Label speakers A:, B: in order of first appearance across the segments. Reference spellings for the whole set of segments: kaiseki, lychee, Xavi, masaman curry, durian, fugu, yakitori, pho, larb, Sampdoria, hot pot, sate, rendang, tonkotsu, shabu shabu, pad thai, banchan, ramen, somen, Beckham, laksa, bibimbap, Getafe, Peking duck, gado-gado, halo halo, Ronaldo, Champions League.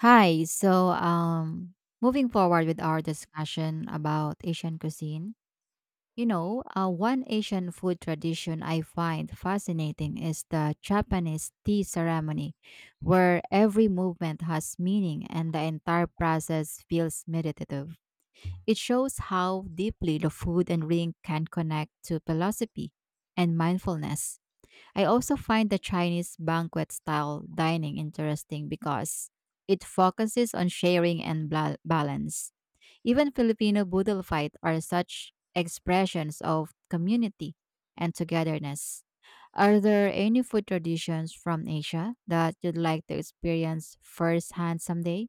A: Hi. Moving forward with our discussion about Asian cuisine, one Asian food tradition I find fascinating is the Japanese tea ceremony, where every movement has meaning and the entire process feels meditative. It shows how deeply the food and drink can connect to philosophy and mindfulness. I also find the Chinese banquet style dining interesting because it focuses on sharing and balance. Even Filipino budol fight are such expressions of community and togetherness. Are there any food traditions from Asia that you'd like to experience firsthand someday?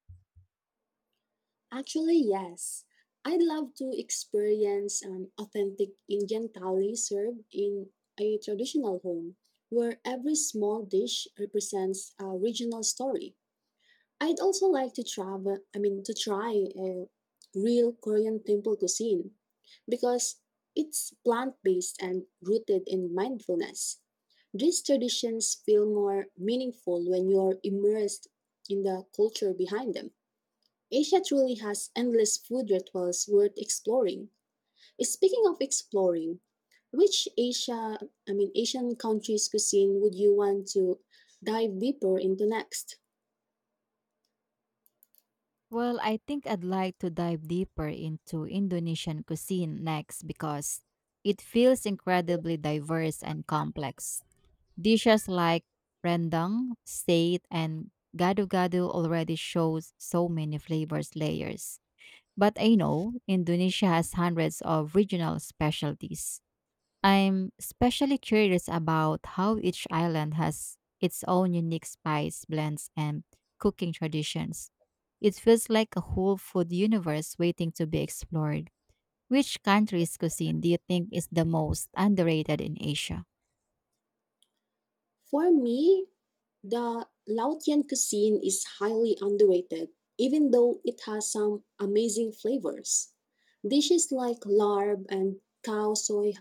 B: Actually, yes. I'd love to experience an authentic Indian thali served in a traditional home where every small dish represents a regional story. I'd also like to travel, I mean, to try a real Korean temple cuisine because it's plant-based and rooted in mindfulness. These traditions feel more meaningful when you're immersed in the culture behind them. Asia truly has endless food rituals worth exploring. Speaking of exploring, which Asia, I mean Asian countries cuisine would you want to dive deeper into next?
A: Well, I think I'd like to dive deeper into Indonesian cuisine next because it feels incredibly diverse and complex. Dishes like rendang, sate, and gado-gado already shows so many flavors layers. But I know Indonesia has hundreds of regional specialties. I'm especially curious about how each island has its own unique spice blends and cooking traditions. It feels like a whole food universe waiting to be explored. Which country's cuisine do you think is the most underrated in Asia?
B: For me, the Laotian cuisine is highly underrated, even though it has some amazing flavors. Dishes like larb and cow soy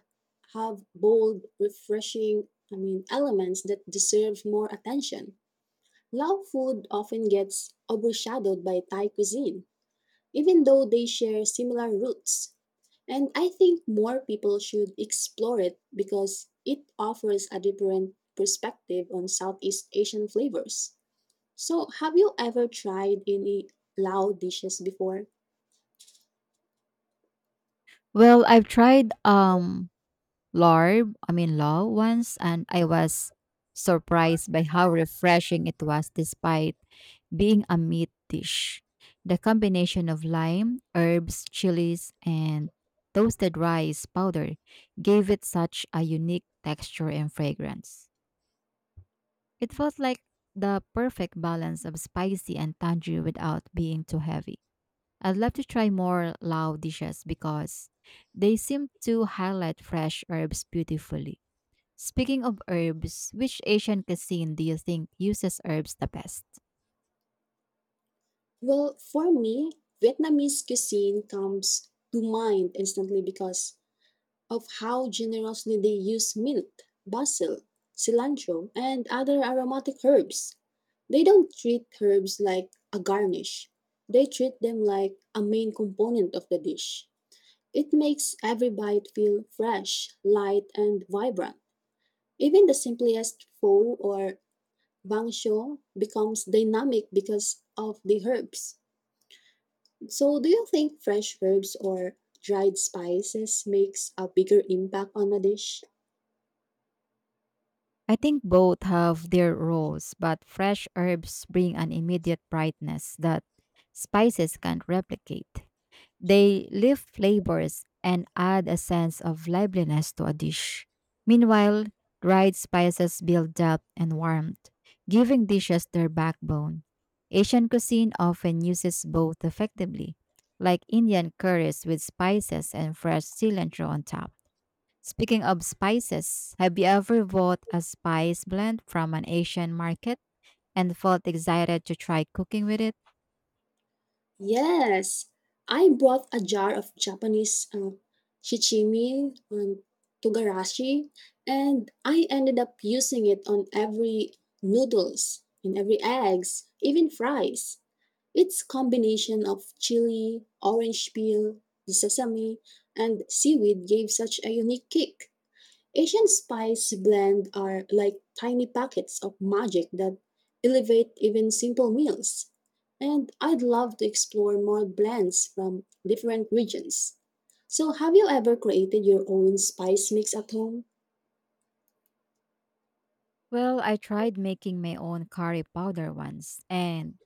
B: have bold, refreshing, I mean, elements that deserve more attention. Lao food often gets overshadowed by Thai cuisine, even though they share similar roots. And I think more people should explore it because it offers a different perspective on Southeast Asian flavors. So, have you ever tried any Lao dishes before?
A: Well, I've tried larb, I mean law once and I was surprised by how refreshing it was despite being a meat dish. The combination of lime, herbs, chilies, and toasted rice powder gave it such a unique texture and fragrance. It felt like the perfect balance of spicy and tangy without being too heavy. I'd love to try more Lao dishes because they seem to highlight fresh herbs beautifully. Speaking of herbs, which Asian cuisine do you think uses herbs the best?
B: Well, for me, Vietnamese cuisine comes to mind instantly because of how generously they use mint, basil, cilantro, and other aromatic herbs. They don't treat herbs like a garnish, they treat them like a main component of the dish. It makes every bite feel fresh, light, and vibrant. Even the simplest pho or bangsho becomes dynamic because of the herbs. So, do you think fresh herbs or dried spices makes a bigger impact on a dish?
A: I think both have their roles, but fresh herbs bring an immediate brightness that spices can't replicate. They lift flavors and add a sense of liveliness to a dish. Meanwhile, dried spices build depth and warmth, giving dishes their backbone. Asian cuisine often uses both effectively, like Indian curries with spices and fresh cilantro on top. Speaking of spices, have you ever bought a spice blend from an Asian market and felt excited to try cooking with it?
B: Yes, I bought a jar of Japanese chichimi togarashi, and I ended up using it on every noodles, in every eggs, even fries. It's combination of chili, orange peel, sesame, and seaweed gave such a unique kick. Asian spice blend are like tiny packets of magic that elevate even simple meals. And I'd love to explore more blends from different regions. So, have you ever created your own spice mix at home?
A: Well, I tried making my own curry powder once, and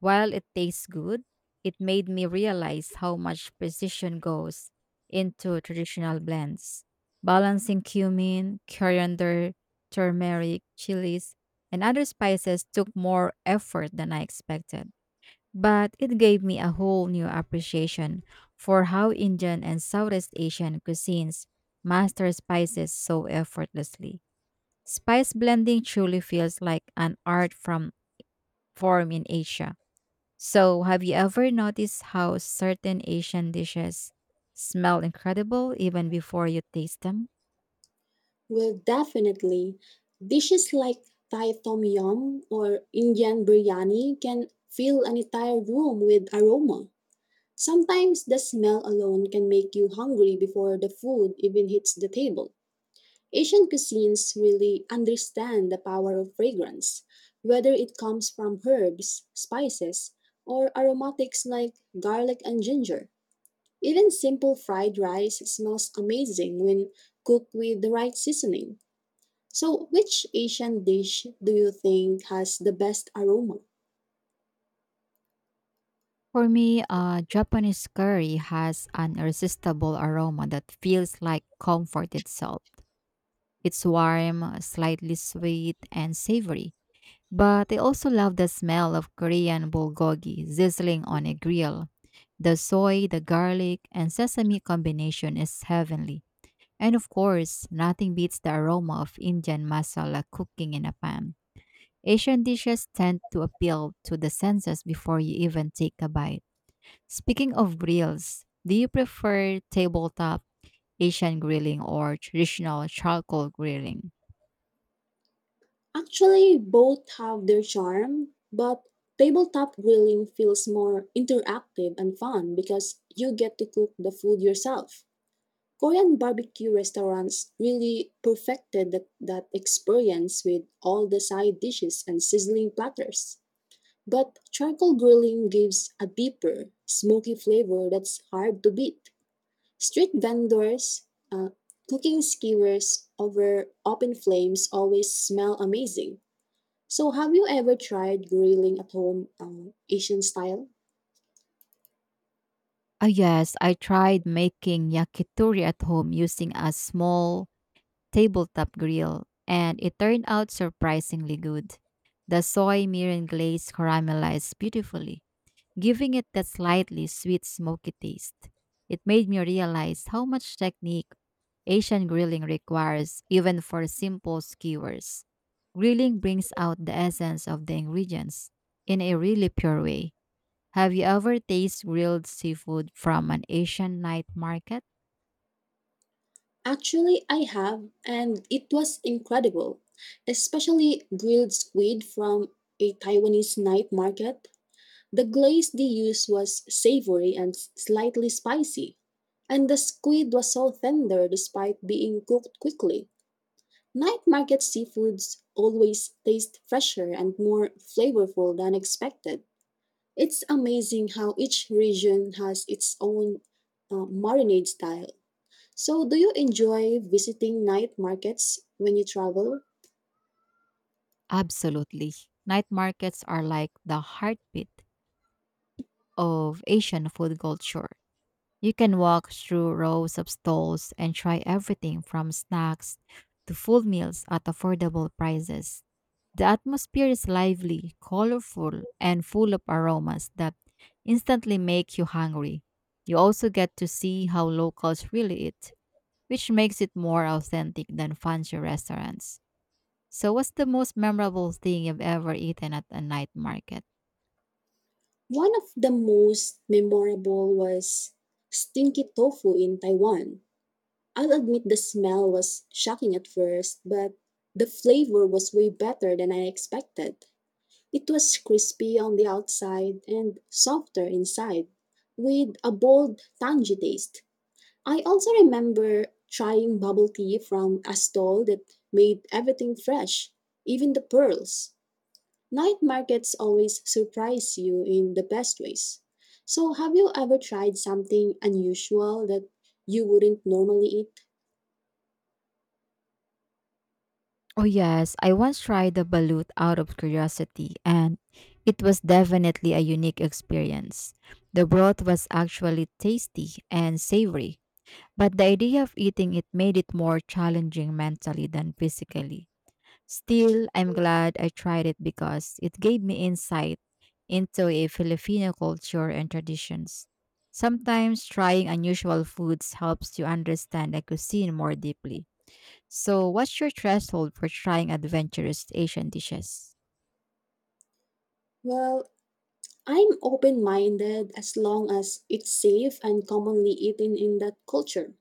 A: while it tastes good, it made me realize how much precision goes into traditional blends. Balancing cumin, coriander, turmeric, chilies, and other spices took more effort than I expected, but it gave me a whole new appreciation for how Indian and Southeast Asian cuisines master spices so effortlessly. Spice blending truly feels like an art from form in Asia. So, have you ever noticed how certain Asian dishes smell incredible even before you taste them?
B: Well, definitely. Dishes like Thai tom yum or Indian biryani can fill an entire room with aroma. Sometimes the smell alone can make you hungry before the food even hits the table. Asian cuisines really understand the power of fragrance, whether it comes from herbs, spices, or aromatics like garlic and ginger. Even simple fried rice smells amazing when cooked with the right seasoning. So, which Asian dish do you think has the best aroma?
A: For me, Japanese curry has an irresistible aroma that feels like comfort itself. It's warm, slightly sweet, and savory. But I also love the smell of Korean bulgogi sizzling on a grill. The soy, the garlic, and sesame combination is heavenly. And of course, nothing beats the aroma of Indian masala cooking in a pan. Asian dishes tend to appeal to the senses before you even take a bite. Speaking of grills, do you prefer tabletop Asian grilling or traditional charcoal grilling?
B: Actually, both have their charm, but tabletop grilling feels more interactive and fun because you get to cook the food yourself. Korean barbecue restaurants really perfected that experience with all the side dishes and sizzling platters. But charcoal grilling gives a deeper, smoky flavor that's hard to beat. Street vendors uh, cooking skewers over open flames always smell amazing. So, have you ever tried grilling at home, Asian style?
A: Ah, yes, I tried making yakitori at home using a small tabletop grill, and it turned out surprisingly good. The soy mirin glaze caramelized beautifully, giving it that slightly sweet smoky taste. It made me realize how much technique Asian grilling requires, even for simple skewers. Grilling brings out the essence of the ingredients in a really pure way. Have you ever tasted grilled seafood from an Asian night market?
B: Actually, I have, and it was incredible, especially grilled squid from a Taiwanese night market. The glaze they used was savory and slightly spicy, and the squid was so tender despite being cooked quickly. Night market seafoods always taste fresher and more flavorful than expected. It's amazing how each region has its own marinade style. So, do you enjoy visiting night markets when you travel?
A: Absolutely. Night markets are like the heartbeat of Asian food culture. You can walk through rows of stalls and try everything from snacks to full meals at affordable prices. The atmosphere is lively, colorful, and full of aromas that instantly make you hungry. You also get to see how locals really eat, which makes it more authentic than fancy restaurants. So, what's the most memorable thing you've ever eaten at a night market?
B: One of the most memorable was stinky tofu in Taiwan. I'll admit the smell was shocking at first, but the flavor was way better than I expected. It was crispy on the outside and softer inside, with a bold, tangy taste. I also remember trying bubble tea from a stall that made everything fresh, even the pearls. Night markets always surprise you in the best ways. So, have you ever tried something unusual that you wouldn't normally eat?
A: Oh yes, I once tried the balut out of curiosity and it was definitely a unique experience. The broth was actually tasty and savory, but the idea of eating it made it more challenging mentally than physically. Still, I'm glad I tried it because it gave me insight into a Filipino culture and traditions. Sometimes trying unusual foods helps you understand a cuisine more deeply. So, what's your threshold for trying adventurous Asian dishes?
B: Well, I'm open minded as long as it's safe and commonly eaten in that culture.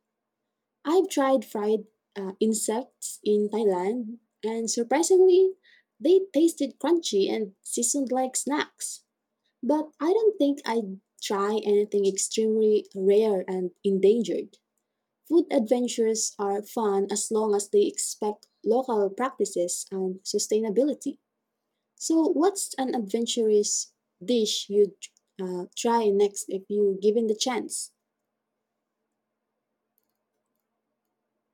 B: I've tried fried insects in Thailand, and surprisingly, they tasted crunchy and seasoned like snacks. But I don't think I'd try anything extremely rare and endangered. Food adventures are fun as long as they expect local practices and sustainability. So, what's an adventurous dish you'd try next if you given the chance?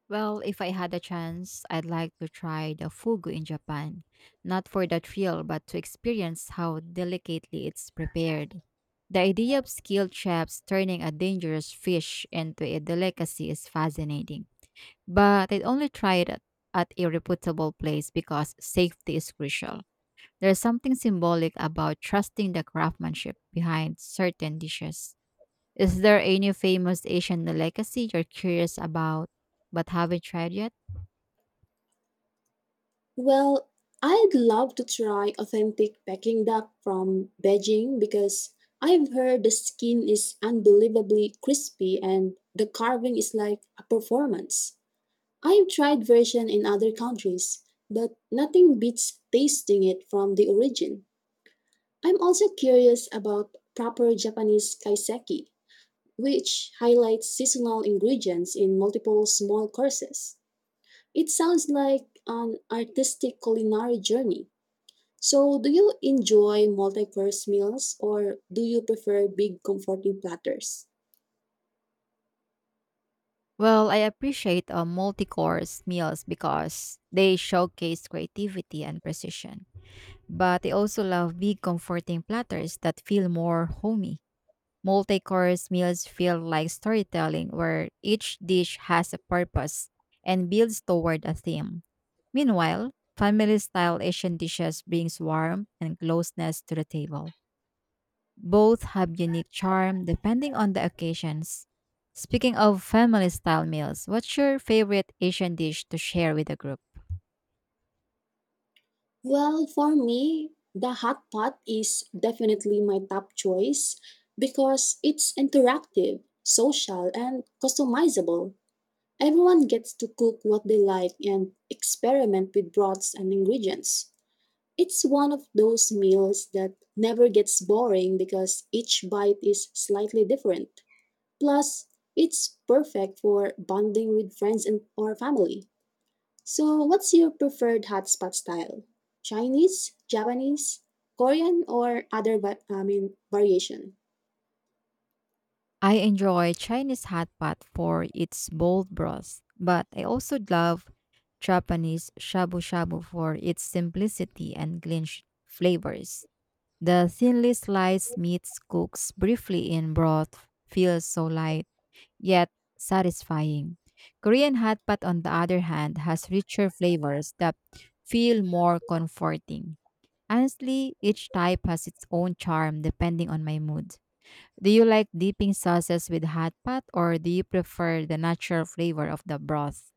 A: Well, if I had a chance, I'd like to try the fugu in Japan, not for the thrill, but to experience how delicately it's prepared. The idea of skilled chefs turning a dangerous fish into a delicacy is fascinating, but I'd only try it at a reputable place because safety is crucial. There's something symbolic about trusting the craftsmanship behind certain dishes. Is there any famous Asian delicacy you're curious about but haven't tried yet?
B: Well, I'd love to try authentic Peking duck from Beijing because I've heard the skin is unbelievably crispy and the carving is like a performance. I've tried version in other countries, but nothing beats tasting it from the origin. I'm also curious about proper Japanese kaiseki, which highlights seasonal ingredients in multiple small courses. It sounds like an artistic culinary journey. So, do you enjoy multi course meals or do you prefer big, comforting platters?
A: Well, I appreciate multi-course meals because they showcase creativity and precision. But I also love big comforting platters that feel more homey. Multi-course meals feel like storytelling where each dish has a purpose and builds toward a theme. Meanwhile, family-style Asian dishes brings warmth and closeness to the table. Both have unique charm depending on the occasions. Speaking of family style meals, what's your favorite Asian dish to share with the group?
B: Well, for me, the hot pot is definitely my top choice because it's interactive, social, and customizable. Everyone gets to cook what they like and experiment with broths and ingredients. It's one of those meals that never gets boring because each bite is slightly different. Plus, it's perfect for bonding with friends and or family. So, what's your preferred hotspot style? Chinese, Japanese, Korean, or I mean variation?
A: I enjoy Chinese hot pot for its bold broth, but I also love Japanese shabu shabu for its simplicity and clean flavors. The thinly sliced meats cooks briefly in broth feels so light yet satisfying. Korean hot pot, on the other hand, has richer flavors that feel more comforting. Honestly, each type has its own charm depending on my mood. Do you like dipping sauces with hot pot or do you prefer the natural flavor of the broth?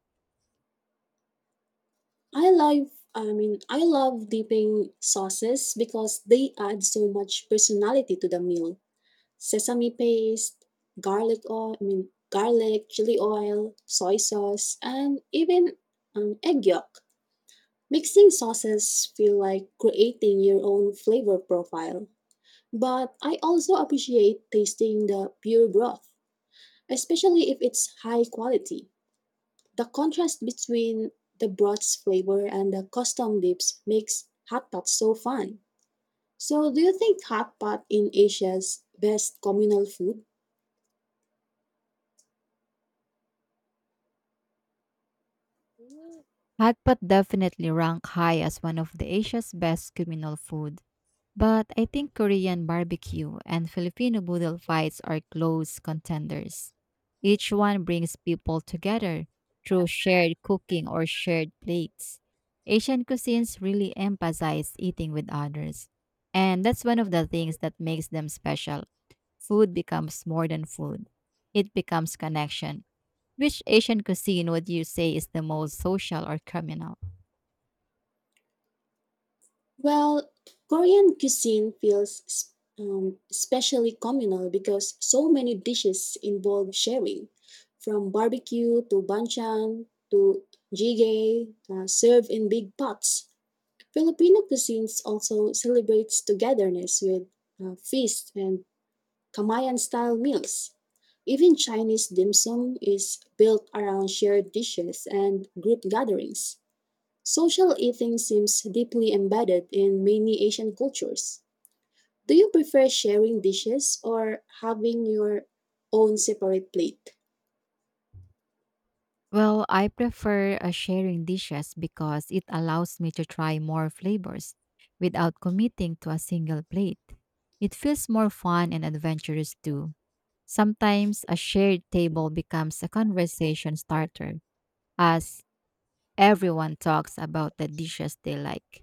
B: I mean I love dipping sauces because they add so much personality to the meal. Sesame paste, I mean garlic, chili oil, soy sauce, and even egg yolk. Mixing sauces feel like creating your own flavor profile. But I also appreciate tasting the pure broth, especially if it's high quality. The contrast between the broth's flavor and the custom dips makes hot pot so fun. So, do you think hot pot in Asia's best communal food?
A: Hot pot definitely rank high as one of the Asia's best communal food. But I think Korean barbecue and Filipino boodle fights are close contenders. Each one brings people together through shared cooking or shared plates. Asian cuisines really emphasize eating with others, and that's one of the things that makes them special. Food becomes more than food, it becomes connection. Which Asian cuisine would you say is the most social or communal?
B: Well, Korean cuisine feels especially communal because so many dishes involve sharing, from barbecue to banchan to jjigae, served in big pots. Filipino cuisines also celebrates togetherness with feasts and Kamayan-style meals. Even Chinese dim sum is built around shared dishes and group gatherings. Social eating seems deeply embedded in many Asian cultures. Do you prefer sharing dishes or having your own separate plate?
A: Well, I prefer sharing dishes because it allows me to try more flavors without committing to a single plate. It feels more fun and adventurous too. Sometimes a shared table becomes a conversation starter as everyone talks about the dishes they like.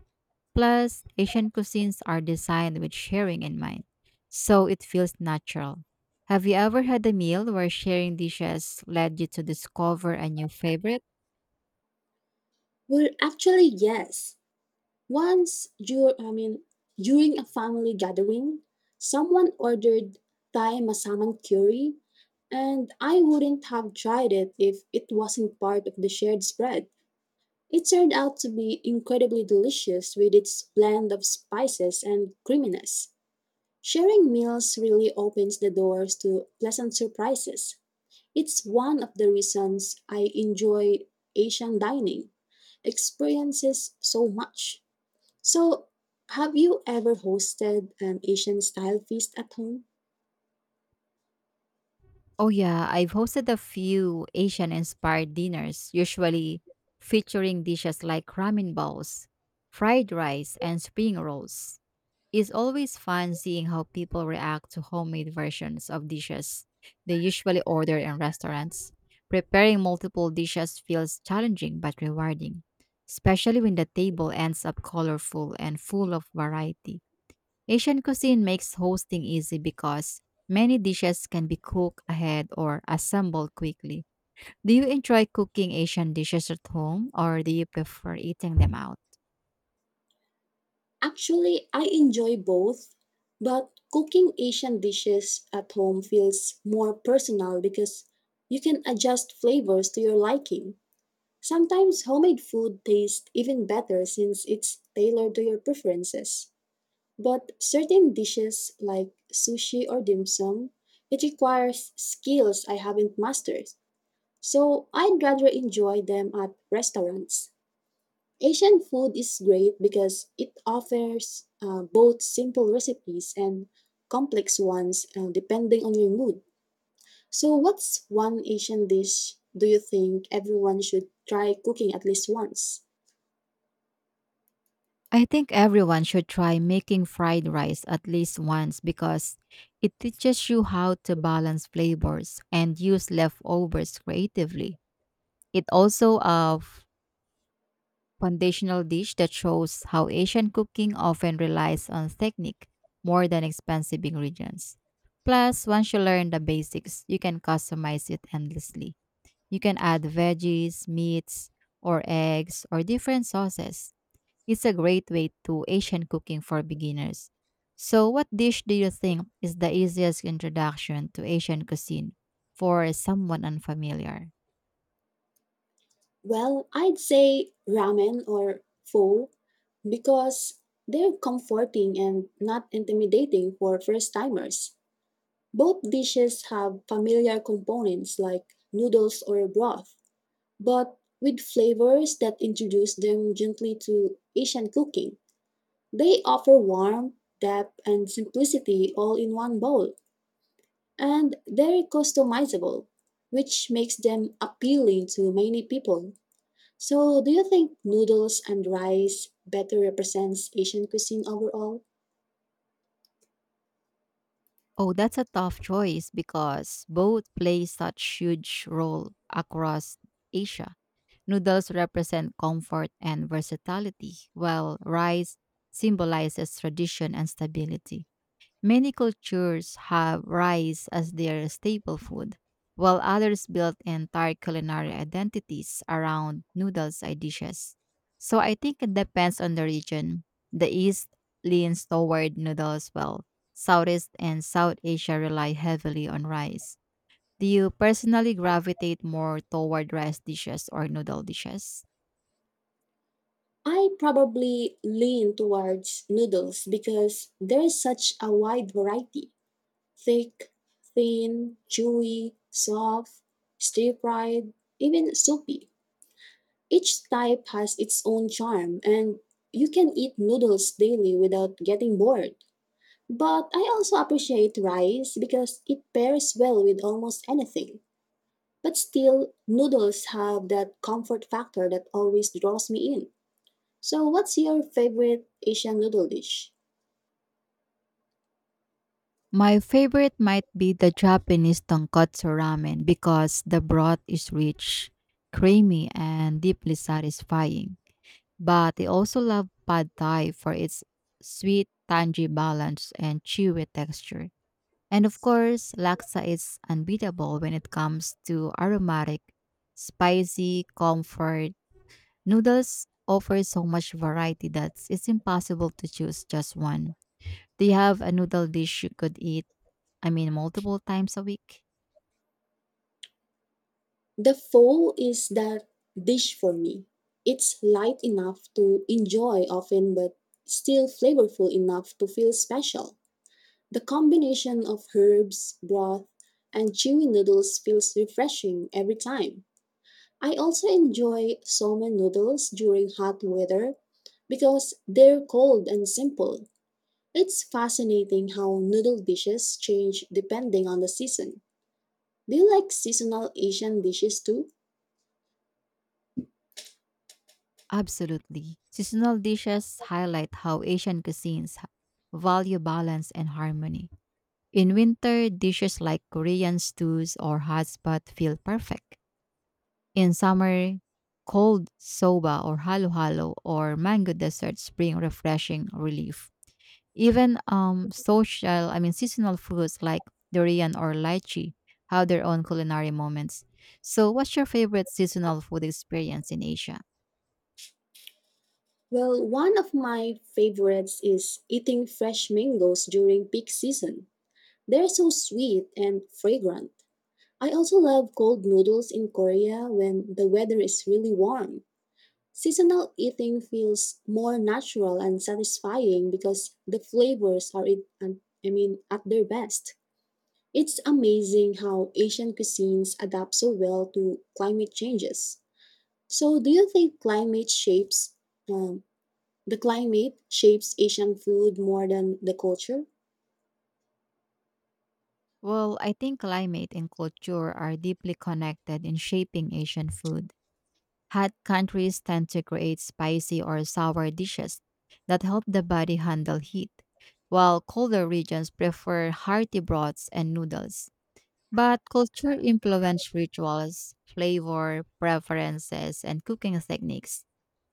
A: Plus, Asian cuisines are designed with sharing in mind, so it feels natural. Have you ever had a meal where sharing dishes led you to discover a new favorite?
B: Well, actually, yes. I mean, during a family gathering, someone ordered Thai masaman curry, and I wouldn't have tried it if it wasn't part of the shared spread. It turned out to be incredibly delicious with its blend of spices and creaminess. Sharing meals really opens the doors to pleasant surprises. It's one of the reasons I enjoy Asian dining experiences so much. So, have you ever hosted an Asian style feast at home?
A: Oh yeah, I've hosted a few Asian-inspired dinners, usually featuring dishes like ramen bowls, fried rice, and spring rolls. It's always fun seeing how people react to homemade versions of dishes they usually order in restaurants. Preparing multiple dishes feels challenging but rewarding, especially when the table ends up colorful and full of variety. Asian cuisine makes hosting easy because many dishes can be cooked ahead or assembled quickly. Do you enjoy cooking Asian dishes at home or do you prefer eating them out?
B: Actually, I enjoy both, but cooking Asian dishes at home feels more personal because you can adjust flavors to your liking. Sometimes homemade food tastes even better since it's tailored to your preferences. But certain dishes like sushi or dim sum, it requires skills I haven't mastered. So I'd rather enjoy them at restaurants. Asian food is great because it offers both simple recipes and complex ones depending on your mood. So, what's one Asian dish do you think everyone should try cooking at least once?
A: I think everyone should try making fried rice at least once because it teaches you how to balance flavors and use leftovers creatively. It also foundational dish that shows how Asian cooking often relies on technique more than expensive ingredients. Plus, once you learn the basics, you can customize it endlessly. You can add veggies, meats, or eggs, or different sauces. It's a great way to Asian cooking for beginners. So, what dish do you think is the easiest introduction to Asian cuisine for someone unfamiliar?
B: Well, I'd say ramen or pho because they're comforting and not intimidating for first timers. Both dishes have familiar components like noodles or broth, but with flavors that introduce them gently to Asian cooking. They offer warmth, depth, and simplicity all in one bowl, and they're customizable, which makes them appealing to many people. So, do you think noodles and rice better represents Asian cuisine overall?
A: Oh, that's a tough choice because both play such huge role across Asia. Noodles represent comfort and versatility, while rice symbolizes tradition and stability. Many cultures have rice as their staple food, while others built entire culinary identities around noodles and dishes. So I think it depends on the region. The East leans toward noodles, while Southeast and South Asia rely heavily on rice. Do you personally gravitate more toward rice dishes or noodle dishes?
B: I probably lean towards noodles because there's such a wide variety thick, thin, chewy, soft, stir fried, even soupy. Each type has its own charm, and you can eat noodles daily without getting bored. But I also appreciate rice because it pairs well with almost anything. But still, noodles have that comfort factor that always draws me in. So, what's your favorite Asian noodle dish?
A: My favorite might be the Japanese tonkotsu ramen because the broth is rich, creamy, and deeply satisfying. But I also love pad thai for its sweet, tangy balance and chewy texture. And of course, laksa is unbeatable when it comes to aromatic, spicy, comfort. Noodles offer so much variety that it's impossible to choose just one. Do you have a noodle dish you could eat I mean, multiple times a week?
B: The pho is that dish for me. It's light enough to enjoy often, but still flavorful enough to feel special. The combination of herbs, broth, and chewy noodles feels refreshing every time. I also enjoy somen noodles during hot weather because they're cold and simple. It's fascinating how noodle dishes change depending on the season. Do you like seasonal Asian dishes too?
A: Absolutely. Seasonal dishes highlight how Asian cuisines value balance and harmony. In winter, dishes like Korean stews or hot pot feel perfect. In summer, cold soba or halo halo or mango desserts bring refreshing relief. Even I mean seasonal fruits like durian or lychee have their own culinary moments. So, what's your favorite seasonal food experience in Asia?
B: Well, one of my favorites is eating fresh mangoes during peak season. They're so sweet and fragrant. I also love cold noodles in Korea when the weather is really warm. Seasonal eating feels more natural and satisfying because the flavors are it and I mean at their best. It's amazing how Asian cuisines adapt so well to climate changes. So, do you think climate shapes um, the climate shapes Asian food more than the culture?
A: Well, I think climate and culture are deeply connected in shaping Asian food. Hot countries tend to create spicy or sour dishes that help the body handle heat, while colder regions prefer hearty broths and noodles. But culture influences rituals, flavor, preferences, and cooking techniques.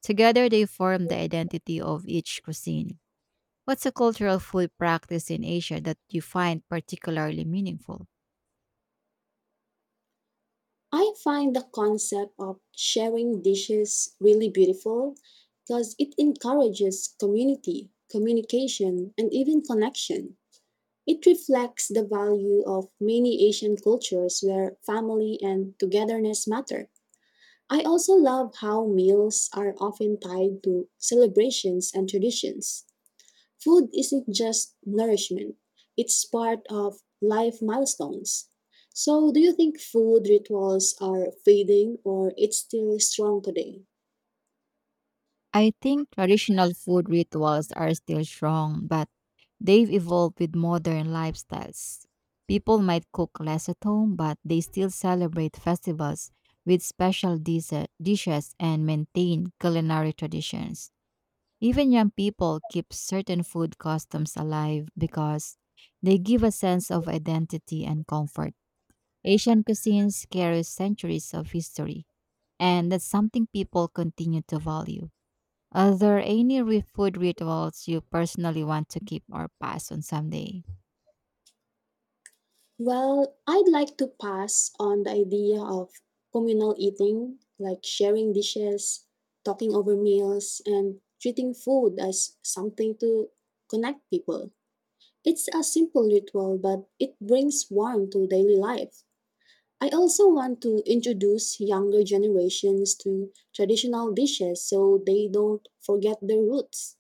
A: Together, they form the identity of each cuisine. What's a cultural food practice in Asia that you find particularly meaningful?
B: I find the concept of sharing dishes really beautiful because it encourages community, communication, and even connection. It reflects the value of many Asian cultures where family and togetherness matter. I also love how meals are often tied to celebrations and traditions. Food isn't just nourishment, it's part of life milestones. So, do you think food rituals are fading or it's still strong today?
A: I think traditional food rituals are still strong, but they've evolved with modern lifestyles. People might cook less at home, but they still celebrate festivals with dishes and maintain culinary traditions. Even young people keep certain food customs alive because they give a sense of identity and comfort. Asian cuisines carry centuries of history, and that's something people continue to value. Are there any food rituals you personally want to keep or pass on someday?
B: Well, I'd like to pass on the idea of communal eating, like sharing dishes, talking over meals, and treating food as something to connect people. It's a simple ritual, but it brings warmth to daily life. I also want to introduce younger generations to traditional dishes so they don't forget their roots.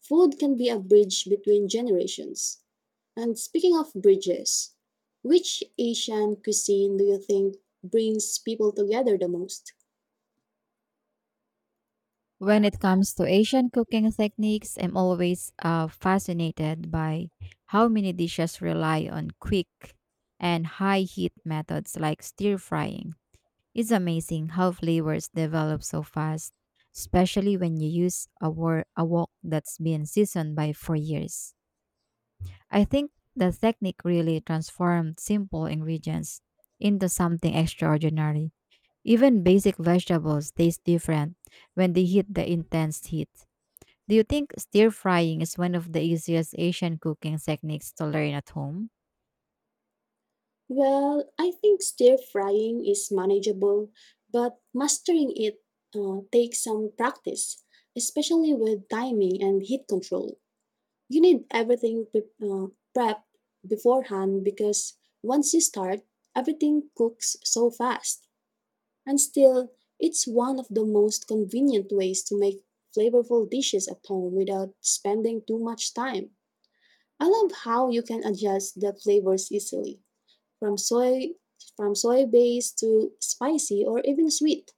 B: Food can be a bridge between generations. And speaking of bridges, which Asian cuisine do you think brings people together the most?
A: When it comes to Asian cooking techniques, I'm always fascinated by how many dishes rely on quick and high heat methods like stir frying. It's amazing how flavors develop so fast, especially when you use a wok that's been seasoned by for years. I think the technique really transformed simple ingredients into something extraordinary. Even basic vegetables taste different when they hit the intense heat. Do you think stir frying is one of the easiest Asian cooking techniques to learn at home?
B: Well, I think stir frying is manageable, but mastering it takes some practice, especially with timing and heat control. You need everything prepped beforehand because once you start, everything cooks so fast. And still, it's one of the most convenient ways to make flavorful dishes at home without spending too much time. I love how you can adjust the flavors easily, from soy from soy based to spicy or even sweet.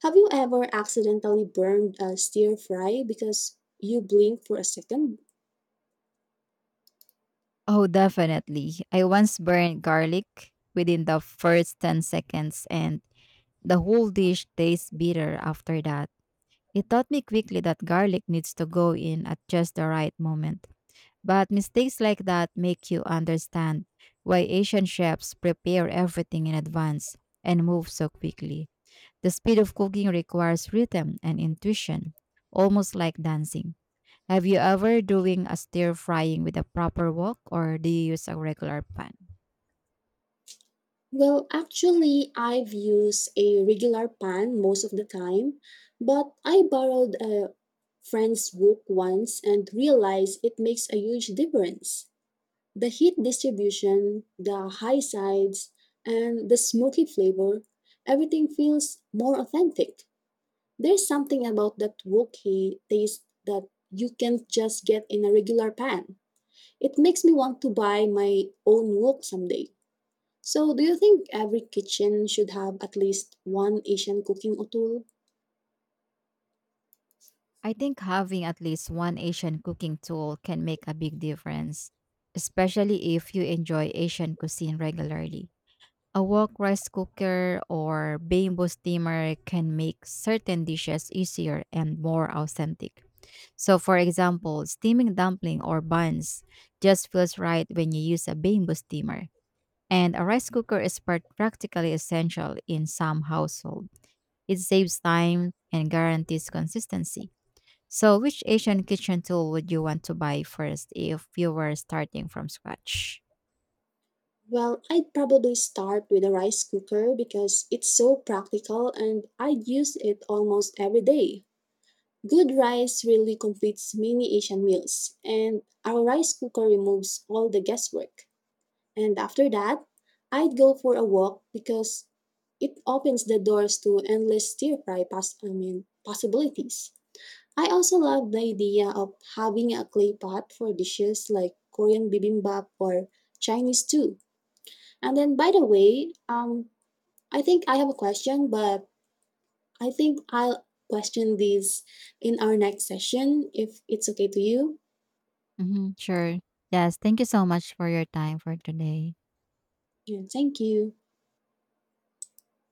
B: Have you ever accidentally burned a stir fry because you blinked for a second?
A: Oh, definitely. I once burned garlic within the first 10 seconds, and the whole dish tastes bitter after that. It taught me quickly that garlic needs to go in at just the right moment. But mistakes like that make you understand why Asian chefs prepare everything in advance and move so quickly. The speed of cooking requires rhythm and intuition, almost like dancing. Have you ever doing a stir frying with a proper wok or do you use a regular pan?
B: Well, actually, I've used a regular pan most of the time, but I borrowed a friend's wok once and realized it makes a huge difference. The heat distribution, the high sides, and the smoky flavor, everything feels more authentic. There's something about that woky taste that you can't just get in a regular pan. It makes me want to buy my own wok someday. So, do you think every kitchen should have at least one Asian cooking tool?
A: I think having at least one Asian cooking tool can make a big difference, especially if you enjoy Asian cuisine regularly. A wok rice cooker or bamboo steamer can make certain dishes easier and more authentic. So, for example, steaming dumpling or buns just feels right when you use a bamboo steamer. And a rice cooker is practically essential in some household. It saves time and guarantees consistency. So, which Asian kitchen tool would you want to buy first if you were starting from scratch?
B: Well, I'd probably start with a rice cooker because it's so practical and I use it almost every day. Good rice really completes many Asian meals, and our rice cooker removes all the guesswork. And after that, I'd go for a walk because it opens the doors to endless I mean, possibilities. I also love the idea of having a clay pot for dishes like Korean bibimbap or Chinese too. And then, by the way, I think I have a question, but I think I'll question these in our next session if it's okay to you.
A: Hmm, sure. Yes, thank you so much for your time for today.
B: And thank you.